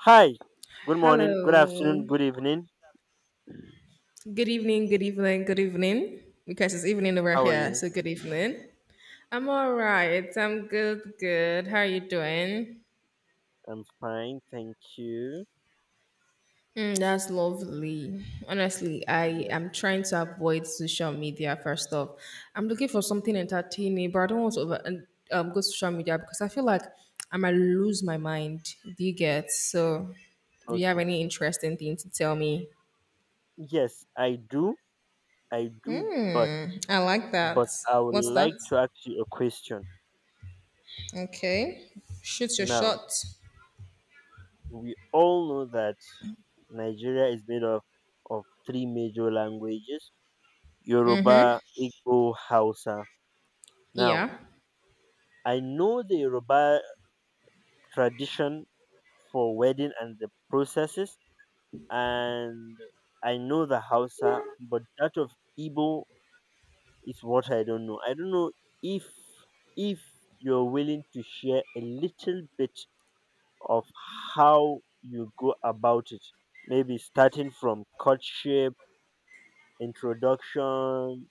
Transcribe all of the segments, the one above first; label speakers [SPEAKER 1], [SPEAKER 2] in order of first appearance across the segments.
[SPEAKER 1] Hi. Good morning, good afternoon,
[SPEAKER 2] Hello.
[SPEAKER 1] good evening.
[SPEAKER 2] Good evening, good evening, good evening. Because it's evening over
[SPEAKER 1] How are
[SPEAKER 2] here,
[SPEAKER 1] you?
[SPEAKER 2] so good evening. I'm all right. I'm good, good. How are you doing?
[SPEAKER 1] I'm fine, thank you.
[SPEAKER 2] Mm, that's lovely. Honestly, I
[SPEAKER 1] Yeah,
[SPEAKER 2] am trying to avoid social media first off. I'm looking for something entertaining, but I don't want to over, go social media because I feel like I might lose my mind. Do you get? So, do you have
[SPEAKER 1] okay.
[SPEAKER 2] any interesting thing to tell me?
[SPEAKER 1] Yes, I do. I do, but
[SPEAKER 2] Hmm, I like that.
[SPEAKER 1] I would
[SPEAKER 2] What's that?
[SPEAKER 1] like to ask you a question.
[SPEAKER 2] Okay. Shoot your
[SPEAKER 1] Now,
[SPEAKER 2] shot.
[SPEAKER 1] we all know that Nigeria is made up of three major languages, Yoruba, Igbo, Hausa. Now,
[SPEAKER 2] Yeah.
[SPEAKER 1] I know the Yoruba tradition for wedding and the processes and I know the Hausa, but that of Igbo is what I don't know. I don't know if if you're willing to share a little bit of how you go about it. Maybe starting from courtship, introduction,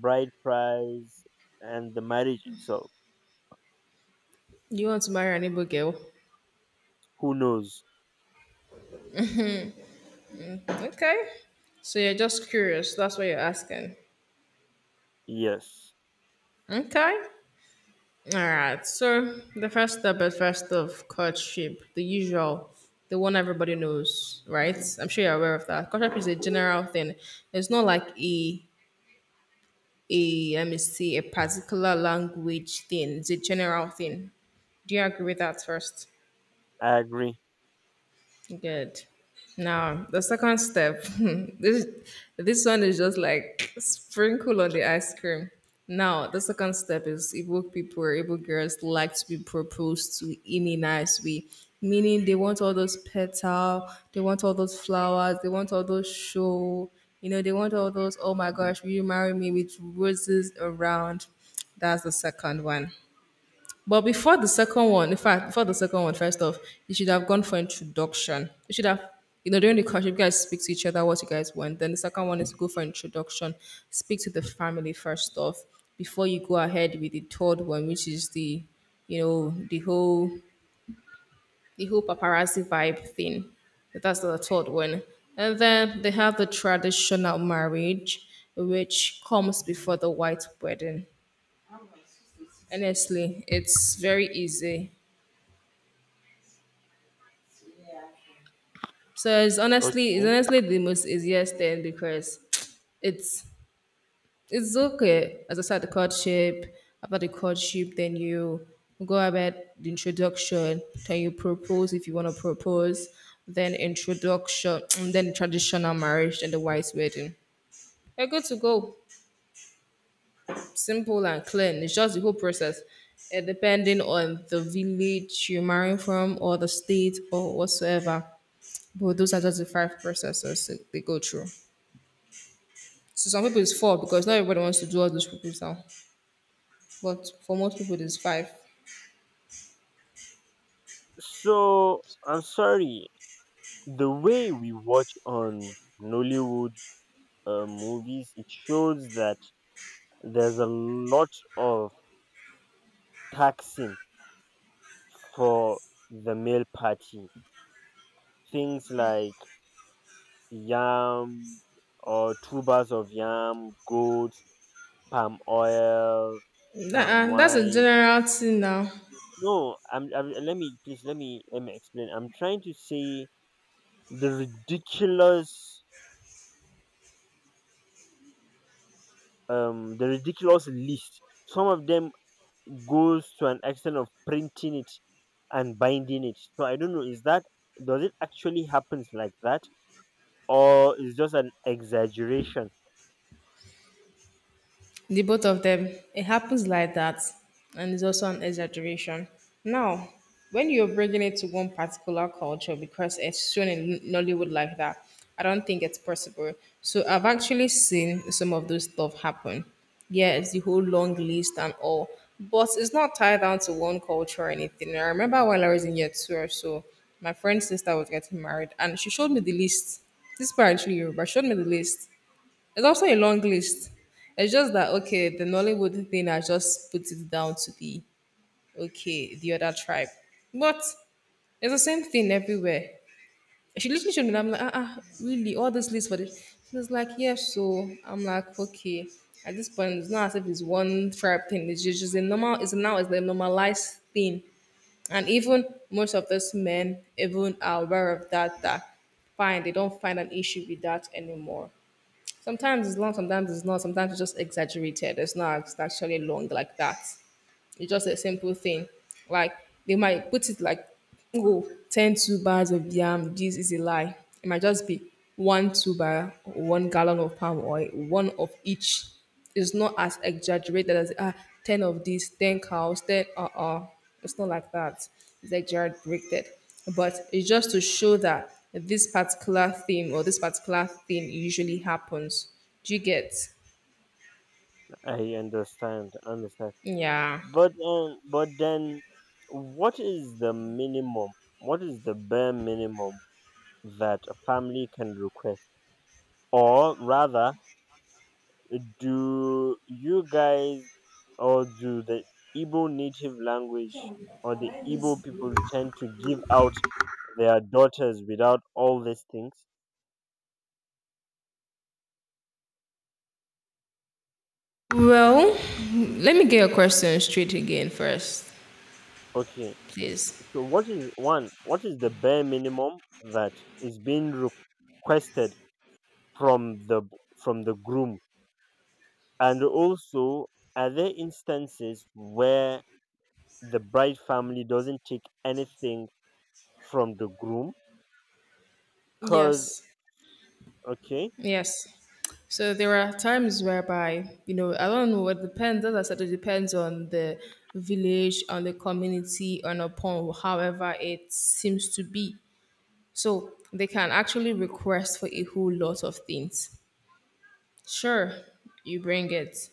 [SPEAKER 1] bride price, and the marriage itself.
[SPEAKER 2] You want to marry an Igbo girl.
[SPEAKER 1] Who knows?
[SPEAKER 2] Okay. So you're just curious. That's what you're asking.
[SPEAKER 1] Yes,
[SPEAKER 2] Okay. All right. So the first step is first of courtship, the usual, the one everybody knows, right? I'm sure you're aware of that. Courtship is a general thing. It's not like a let me see a particular language thing. It's a general thing. Do you agree with that first?
[SPEAKER 1] I agree.
[SPEAKER 2] Good. Now the second step. this this one is just like sprinkle on the ice cream. Now the second step is Igbo people, Igbo girls like to be proposed to in a nice way, meaning they want all those petal, they want all those flowers, they want all those show. You know, they want all those. Oh my gosh, will you marry me with roses around? That's the second one. But before the second one, in fact, before the second one, first off, you should have gone for introduction. You should have, you know, during the course, you guys speak to each other what you guys want. Then the second one is go for introduction. Speak to the family first off before you go ahead with the third one, which is the, you know, the whole paparazzi vibe thing. That's the third one. And then they have the traditional marriage, which comes before the white wedding. Honestly, it's very easy. So it's
[SPEAKER 1] Okay.
[SPEAKER 2] honestly it's honestly the most easiest thing because it's it's okay. As I said, the courtship, after the courtship, then you go about the introduction, then you propose if you want to propose, then introduction, and then traditional marriage, then the white wedding. You're good to go. Simple and clean. It's just the whole process. Depending on the village you're marrying from or the state or whatsoever. But those are just the five processes that they go through. So some people it's four because not everybody wants to do all those people proposal. But for most people it's five.
[SPEAKER 1] So I'm sorry. The way we watch on Nollywood movies, it shows that there's a lot of taxing for the male party. Things like yam or tubers of yam, goats, palm oil, palm
[SPEAKER 2] And that's a
[SPEAKER 1] wine.
[SPEAKER 2] general thing now.
[SPEAKER 1] No, I'm, I'm. Let me please. Let me. Let me explain. I'm trying to say the ridiculous, the ridiculous list. Some of them goes to an extent of printing it and binding it. So I don't know, is that does it actually happens like that? Or is just an exaggeration?
[SPEAKER 2] The both of them, it happens like that, and it's also an exaggeration now when you're bringing it to one particular culture because it's shown in Nollywood like that. I don't think it's possible. So I've actually seen some of those stuff happen, yes, the whole long list and all, but it's not tied down to one culture or anything. I remember while I was in year two or so, my friend's sister was getting married and she showed me the list. This is actually Yoruba. She showed me the list. It's also a long list. It's just that okay, the Nollywood thing I just put it down to the okay, the other tribe. But it's the same thing everywhere. She literally showed me. I'm like, ah, ah really, all this list for this. She was like, yeah, so I'm like, okay. At this point, it's not as if it's one tribe thing. It's just a normal. It's now it's the normalized thing, and even most of those men even are aware of that. That fine, they don't find an issue with that anymore. Sometimes it's long, sometimes it's not. Sometimes it's just exaggerated. It's not actually long like that. It's just a simple thing. Like they might put it like, oh, 10 tubers of yam. This is a lie. It might just be one tuber, 1 gallon of palm oil, one of each. It's not as exaggerated as ah, 10 of these, 10 cows, 10. It's not like that. It's exaggerated. But it's just to show that this particular theme or this particular thing usually happens. Do you get?
[SPEAKER 1] I understand, understand.
[SPEAKER 2] Yeah.
[SPEAKER 1] But then what is the minimum? What is the bare minimum that a family can request? Or rather, do you guys or do the Igbo native language or the Igbo people tend to give out their daughters without all these things.
[SPEAKER 2] Well, let me get your question straight again first,
[SPEAKER 1] Okay,
[SPEAKER 2] please.
[SPEAKER 1] so what is one? What is the bare minimum that is being requested from the from the groom? And also, are there instances where the bride family doesn't take anything from the groom? Cause
[SPEAKER 2] Yes.
[SPEAKER 1] okay,
[SPEAKER 2] Yes. So there are times whereby, you know, I don't know, it depends, as I said, it depends on the village, on the community, on upon however it seems to be. So they can actually request for a whole lot of things. Sure, you bring it.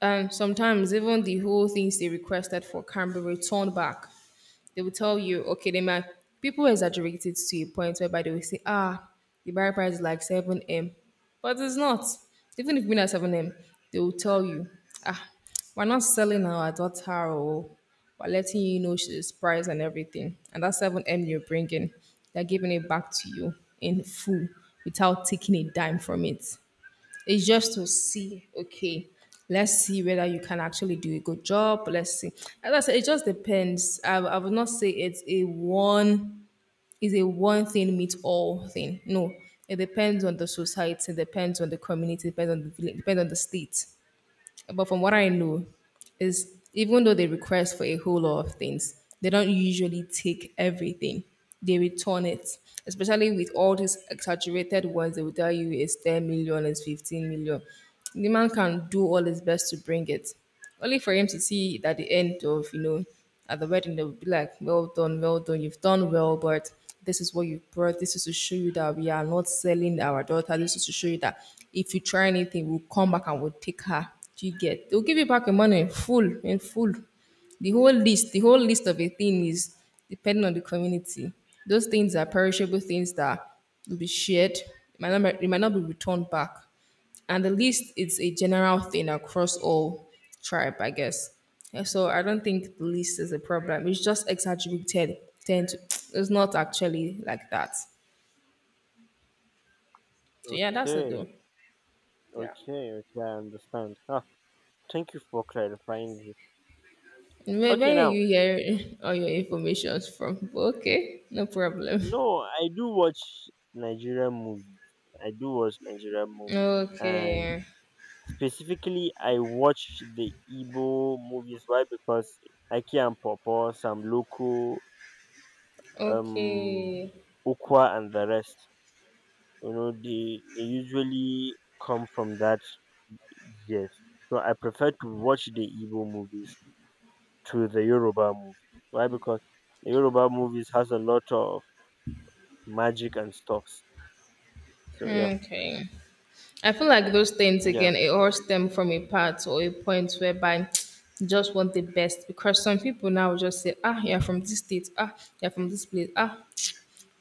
[SPEAKER 2] And sometimes even the whole things they requested for can be returned back. They will tell you, okay, they might people exaggerate it to a point whereby they will say, ah, the buy price is like seven M. But it's not. Even if we at seven M, they will tell you, ah, we're not selling our daughter or we're letting you know she's price and everything. And that seven M you're bringing, they're giving it back to you in full without taking a dime from it. It's just to see, okay, let's see whether you can actually do a good job. Let's see. As I said, it just depends. I would not say it's a one thing meets all thing. No, it depends on the society, depends on the community, depends on the village, depends on the state. But from what I know, is even though they request for a whole lot of things, they don't usually take everything. They return it, especially with all these exaggerated ones. They will tell you it's 10 million, it's 15 million. The man can do all his best to bring it, only for him to see it at the end of, you know, at the wedding they would be like, well done, well done, you've done well, but this is what you brought. This is to show you that we are not selling our daughter. This is to show you that if you try anything, we'll come back and we'll take her. Do you get? They'll give you back your money in full, in full. The whole list, the whole list of a thing is depending on the community. Those things are perishable things that will be shared. It might not be returned back. And the least is a general thing across all tribe, I guess. And so I don't think the least is a problem. It's just exaggerated tend to, it's not actually like that, so yeah, that's it though.
[SPEAKER 1] okay, okay, I understand. Ah, thank you for clarifying this. Okay,
[SPEAKER 2] Where are
[SPEAKER 1] now.
[SPEAKER 2] you hearing all your informations from? Okay, no problem.
[SPEAKER 1] No, I do watch Nigerian movies. I do watch Nigerian movies. And
[SPEAKER 2] Okay,
[SPEAKER 1] specifically, I watch the Igbo movies. Why? Because Aki and Popo, Sam Loco, um,
[SPEAKER 2] okay,
[SPEAKER 1] Ukwa, and the rest. You know, they usually come from that. Yes. So I prefer to watch the Igbo movies to the Yoruba movies. Why? Because the Yoruba movies has a lot of magic and stuffs. So yeah,
[SPEAKER 2] okay. I feel like those things
[SPEAKER 1] yeah.
[SPEAKER 2] again, it all stem from a part or a point whereby you just want the best. Because some people now will just say, ah, you're from this state, ah, you're from this place, ah,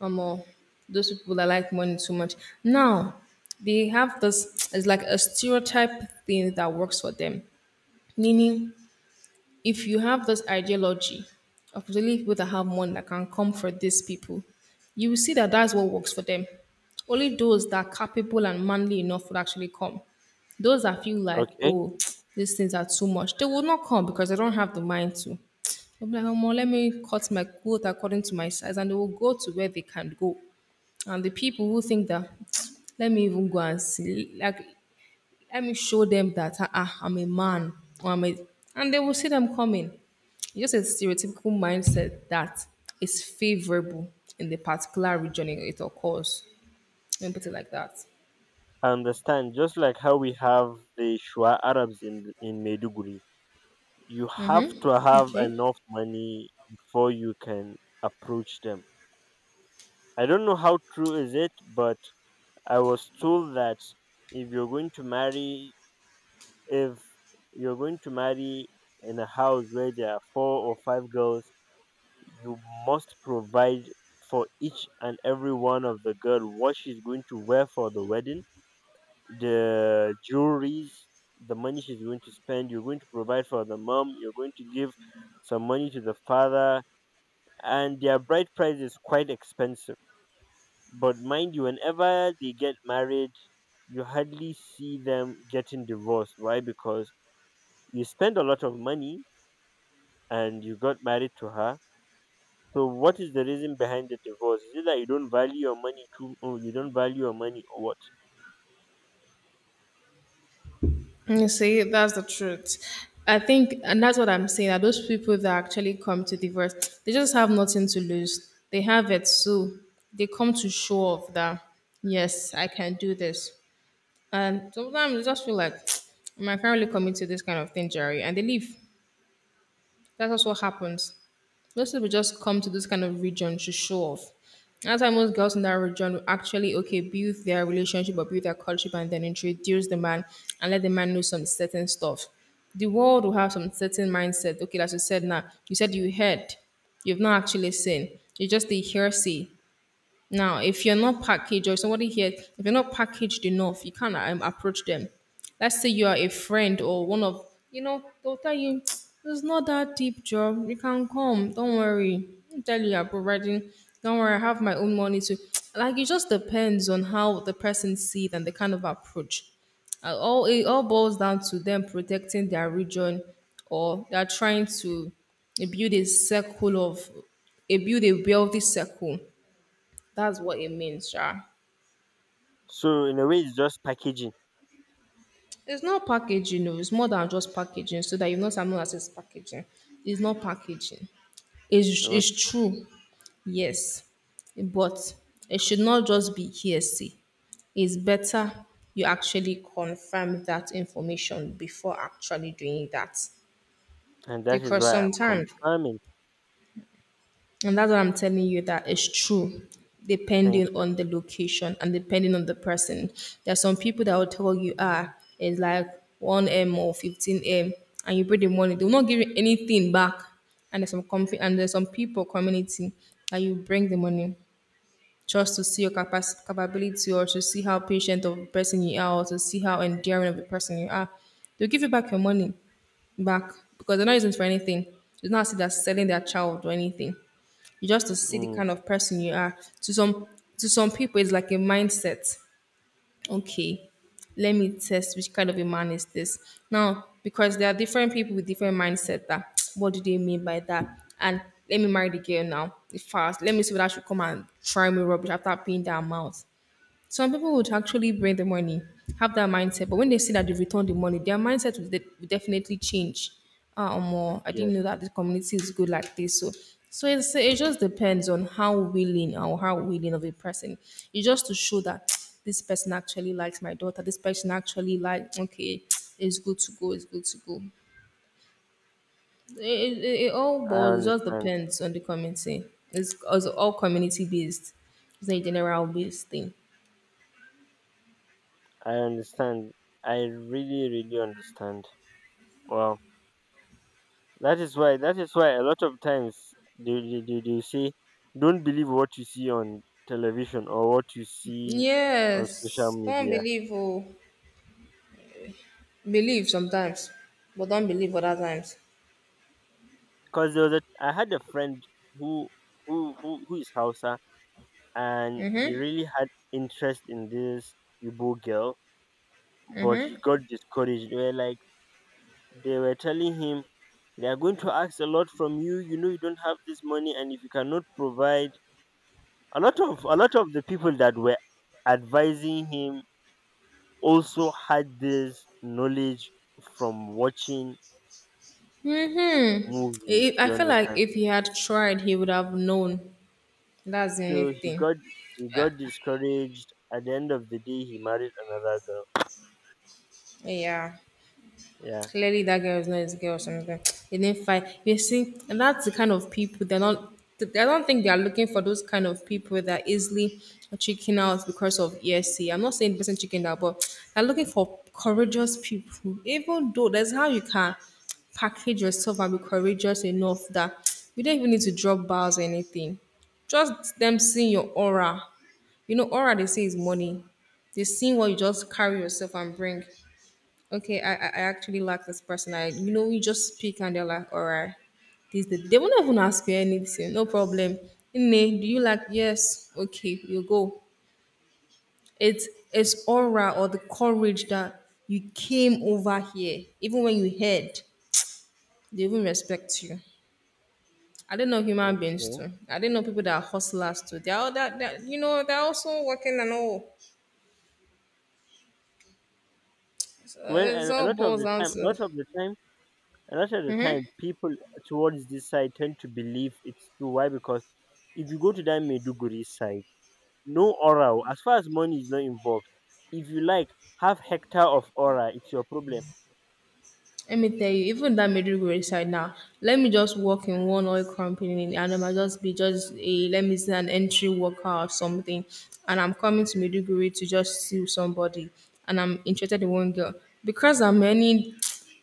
[SPEAKER 2] I'm all those people that like money too much. Now they have this it's like a stereotype thing that works for them. Meaning if you have this ideology of really people that have money that can come for these people, you will see that that's what works for them. Only those that are capable and manly enough would actually come. Those that feel like,
[SPEAKER 1] Okay.
[SPEAKER 2] oh, these things are too much, they will not come because they don't have the mind to. They'll be like, oh, let me cut my coat according to my size, and they will go to where they can go. And the people who think that, let me even go and see, like let me show them that ah, ah, I'm a man or and they will see them coming. It's just a stereotypical mindset that is favorable in the particular region it occurs. Let me put it like that.
[SPEAKER 1] I understand. Just like how we have the Shua Arabs in Maiduguri, you have to have
[SPEAKER 2] Okay.
[SPEAKER 1] enough money before you can approach them. I don't know how true is it, but I was told that if you're going to marry, if you're going to marry in a house where there are four or five girls, you must provide for each and every one of the girl what she's going to wear for the wedding, the jewelries, the money she's going to spend. You're going to provide for the mom. You're going to give some money to the father, and their bride price is quite expensive. But mind you, whenever they get married, you hardly see them getting divorced. Why? Because you spend a lot of money and you got married to her. So what is the reason behind the divorce? Is it that you don't value your money too? Or you don't value your money or what?
[SPEAKER 2] You see, that's the truth. I think, and that's what I'm saying, that those people that actually come to divorce, they just have nothing to lose. They have it, so they come to show off that, yes, I can do this. And sometimes I just feel like my family commit to this kind of thing, Jerry, and they leave. That's just what happens. Most people just come to this kind of region to show off. That's why most girls in that region will actually okay build their relationship or build their courtship and then introduce the man and let the man know some certain stuff. The world will have some certain mindset. Okay, as you said now, you said you heard, you've not actually seen. You're just a hearsay. Now, if you're not packaged or somebody here, if you're not packaged enough, you can't approach them. Let's say you are a friend or one of, you know, they'll tell you, it's not that deep job. You can come. Don't worry. I'll tell you, you're providing. Don't worry. I have my own money too. Like, it just depends on how the person sees and the kind of approach. All boils down to them protecting their region, or they're trying to build a circle of a wealthy circle. That's what it means, sha.
[SPEAKER 1] So in a way, it's just packaging.
[SPEAKER 2] It's not packaging, no. It's more than just packaging. So that you know, not someone that says packaging. It's not packaging. It's
[SPEAKER 1] Okay.
[SPEAKER 2] true, yes. But it should not just be hearsay. It's better you actually confirm that information before actually doing that.
[SPEAKER 1] And that is
[SPEAKER 2] Because
[SPEAKER 1] why I'm
[SPEAKER 2] sometimes.
[SPEAKER 1] confirming.
[SPEAKER 2] And that's what I'm telling you, that is true,
[SPEAKER 1] Thank
[SPEAKER 2] depending on the location and depending on the person. There are some people that will tell you, it's like 1M or 15M, and you bring the money, they will not give you anything back. And there's some people community that you bring the money just to see your capacity, capability, or to see how patient of a person you are, or to see how endearing of a person you are. They'll give you back your money back because they're not using it for anything. It's not as if they're selling their child or anything. You just to
[SPEAKER 1] you.
[SPEAKER 2] see the
[SPEAKER 1] Mm,
[SPEAKER 2] kind of person you are. To some people, it's like a mindset. Okay, let me test which kind of a man is this now, because there are different people with different mindset. That What do they mean by that? And let me marry the girl now fast, let me see whether she come and try me rubbish after paying the amount. Some people would actually bring the money, have that mindset, but when they see that they've returned the money, their mindset will definitely change. Or more. I
[SPEAKER 1] yes,
[SPEAKER 2] didn't know that the community is good like this. So, so it just depends on how willing or how willing of a person. It's just to show that this person actually likes my daughter. This person actually like, okay, it's good to go. It's good to go. It all
[SPEAKER 1] I
[SPEAKER 2] boils. It just
[SPEAKER 1] understand.
[SPEAKER 2] depends on the community. It's all community based. It's not a general based thing.
[SPEAKER 1] I understand. I really, really understand. Wow. That is why a lot of times they say, don't believe what you see on television or what you see on social
[SPEAKER 2] Yes, don't
[SPEAKER 1] media.
[SPEAKER 2] believe. Believe sometimes, but don't believe other times.
[SPEAKER 1] Because there was a, I had a friend who, who is Hausa and he really had interest in this Igbo girl, but he got discouraged. They were like, they were telling him, they are going to ask a lot from you. You know you don't have this money, and if you cannot provide, a lot of the people that were advising him also had this knowledge from watching
[SPEAKER 2] Hmm. I
[SPEAKER 1] movies.
[SPEAKER 2] I
[SPEAKER 1] You
[SPEAKER 2] feel like
[SPEAKER 1] understand?
[SPEAKER 2] if he had tried, he would have known. That's the only
[SPEAKER 1] So
[SPEAKER 2] thing.
[SPEAKER 1] he got discouraged. At the end of the day, he married another girl.
[SPEAKER 2] Yeah.
[SPEAKER 1] Yeah.
[SPEAKER 2] Clearly, that girl is not his girl or something. They didn't fight. You see, and that's the kind of people they're not. I don't think they are looking for those kind of people that are easily chicken out because of ESC. I'm not saying the person chicken out, but they're looking for courageous people. Even though that's how you can package yourself and be courageous enough that you don't even need to drop bars or anything. Just them seeing your aura. You know, aura they say is money. They seeing what you just carry yourself and bring. Okay, I actually like this person. I you just speak and they're like, all right, this the they won't even ask you anything, no problem. Nne, do you like, yes? Okay, you go. It's aura or the courage that you came over here, even when you heard, they even respect you. I don't know human beings
[SPEAKER 1] Okay.
[SPEAKER 2] too. I don't know people that are hustlers too. They're all that you know, they're also working and all. So
[SPEAKER 1] Well,
[SPEAKER 2] it's
[SPEAKER 1] a
[SPEAKER 2] all
[SPEAKER 1] lot of
[SPEAKER 2] boils
[SPEAKER 1] the
[SPEAKER 2] down
[SPEAKER 1] time, a
[SPEAKER 2] to.
[SPEAKER 1] lot of the time, a lot of the time, people towards this side tend to believe it's true. Why? Because if you go to that Maiduguri side, no aura. O. As far as money is not involved, if you like, have hectare of aura. It's your problem.
[SPEAKER 2] Let me tell you, even that Maiduguri side now, let me just work in one oil company, and I might just be let me say, an entry worker or something. And I'm coming to Maiduguri to just see somebody and I'm interested in one girl. Because I'm any,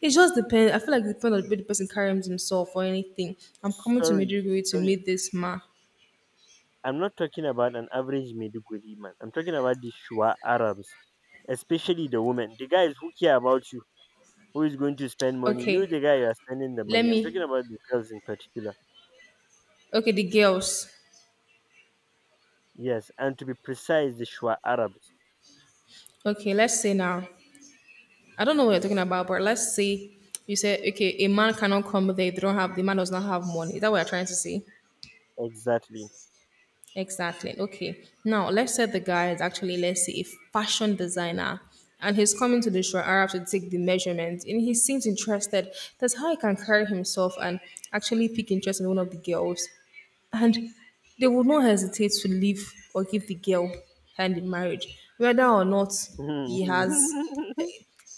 [SPEAKER 2] it just depends. I feel like it depends on the way the person carries himself or anything. I'm coming to
[SPEAKER 1] Sorry,
[SPEAKER 2] Maiduguri to
[SPEAKER 1] sorry.
[SPEAKER 2] meet this man.
[SPEAKER 1] I'm not talking about an average Maiduguri man. I'm talking about the Shua Arabs, especially the women. The guys who care about you, who is going to spend money. You,
[SPEAKER 2] Okay,
[SPEAKER 1] the guy, you are spending the
[SPEAKER 2] let
[SPEAKER 1] money. I'm talking
[SPEAKER 2] me,
[SPEAKER 1] about the girls in particular.
[SPEAKER 2] okay, the girls.
[SPEAKER 1] Yes, and to be precise, the Shua Arabs.
[SPEAKER 2] Okay, let's say now. I don't know what you're talking about, but let's say you say, okay, a man cannot come there if they don't have, the man does not have money. Is that what you're trying to say?
[SPEAKER 1] Exactly.
[SPEAKER 2] Exactly. Okay. Now let's say the guy is actually, let's say, a fashion designer and he's coming to the shore Arab to take the measurements and he seems interested. That's how he can carry himself and actually pick interest in one of the girls. And they would not hesitate to leave or give the girl hand in marriage, whether or not he has.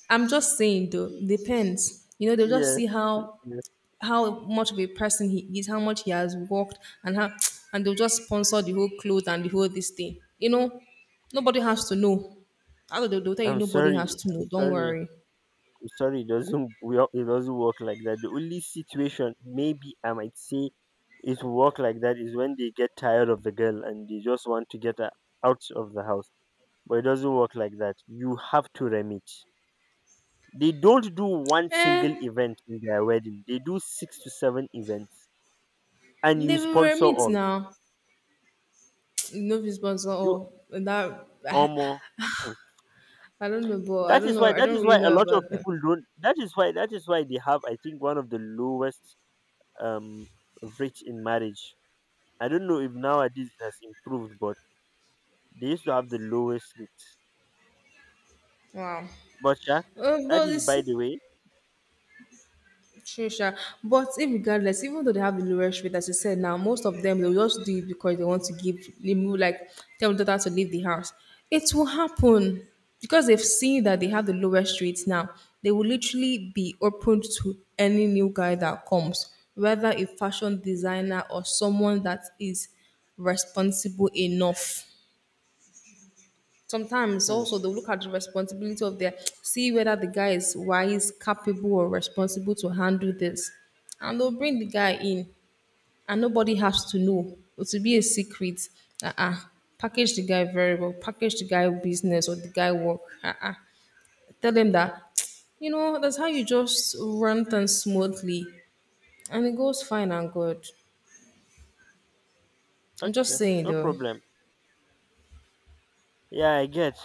[SPEAKER 2] I'm just saying though, depends. You know, they'll just
[SPEAKER 1] Yes.
[SPEAKER 2] see how
[SPEAKER 1] Yes.
[SPEAKER 2] how much of a person he is, how much he has worked, and how and they'll just sponsor the whole clothes and the whole this thing. You know, nobody has to know. Although they'll tell you
[SPEAKER 1] I'm
[SPEAKER 2] nobody has
[SPEAKER 1] sorry.
[SPEAKER 2] to
[SPEAKER 1] I'm
[SPEAKER 2] know. Don't
[SPEAKER 1] sorry.
[SPEAKER 2] worry.
[SPEAKER 1] Sorry, it doesn't it doesn't work like that. The only situation maybe I might say it work like that is when they get tired of the girl and they just want to get her out of the house. But it doesn't work like that. You have to remit. They don't do one
[SPEAKER 2] Eh,
[SPEAKER 1] single event in their wedding. They do six to seven events, and
[SPEAKER 2] they
[SPEAKER 1] you
[SPEAKER 2] will
[SPEAKER 1] sponsor
[SPEAKER 2] remit
[SPEAKER 1] all.
[SPEAKER 2] now. No know, sponsor
[SPEAKER 1] You
[SPEAKER 2] or that.
[SPEAKER 1] almost
[SPEAKER 2] I don't know, but I
[SPEAKER 1] that
[SPEAKER 2] don't
[SPEAKER 1] is
[SPEAKER 2] know.
[SPEAKER 1] why,
[SPEAKER 2] I don't really
[SPEAKER 1] a
[SPEAKER 2] know
[SPEAKER 1] lot of
[SPEAKER 2] about them.
[SPEAKER 1] people don't, that is why they have, I think, one of the lowest um rate in marriage. I don't know if nowadays it has improved, but they used to have the lowest rates.
[SPEAKER 2] Wow.
[SPEAKER 1] But yeah, that
[SPEAKER 2] But
[SPEAKER 1] is
[SPEAKER 2] it's.
[SPEAKER 1] by the way.
[SPEAKER 2] True, sure. But if regardless, even though they have the lowest rate, as you said now, most of them they'll just do it because they want to give remove like tell the daughter to leave the house. It will happen because they've seen that they have the lowest rates now. They will literally be open to any new guy that comes, whether a fashion designer or someone that is responsible enough. Sometimes
[SPEAKER 1] Hmm.
[SPEAKER 2] also they'll look at the responsibility of their, see whether the guy is wise, capable, or responsible to handle this. And they'll bring the guy in and nobody has to know. It will be a secret. Uh-uh. Package the guy very well, package the guy business or the guy work. Uh-uh. Tell them that you know, that's how you just run things smoothly and it goes fine and good. I'm just
[SPEAKER 1] Okay,
[SPEAKER 2] saying
[SPEAKER 1] no
[SPEAKER 2] though.
[SPEAKER 1] problem. Yeah, I get.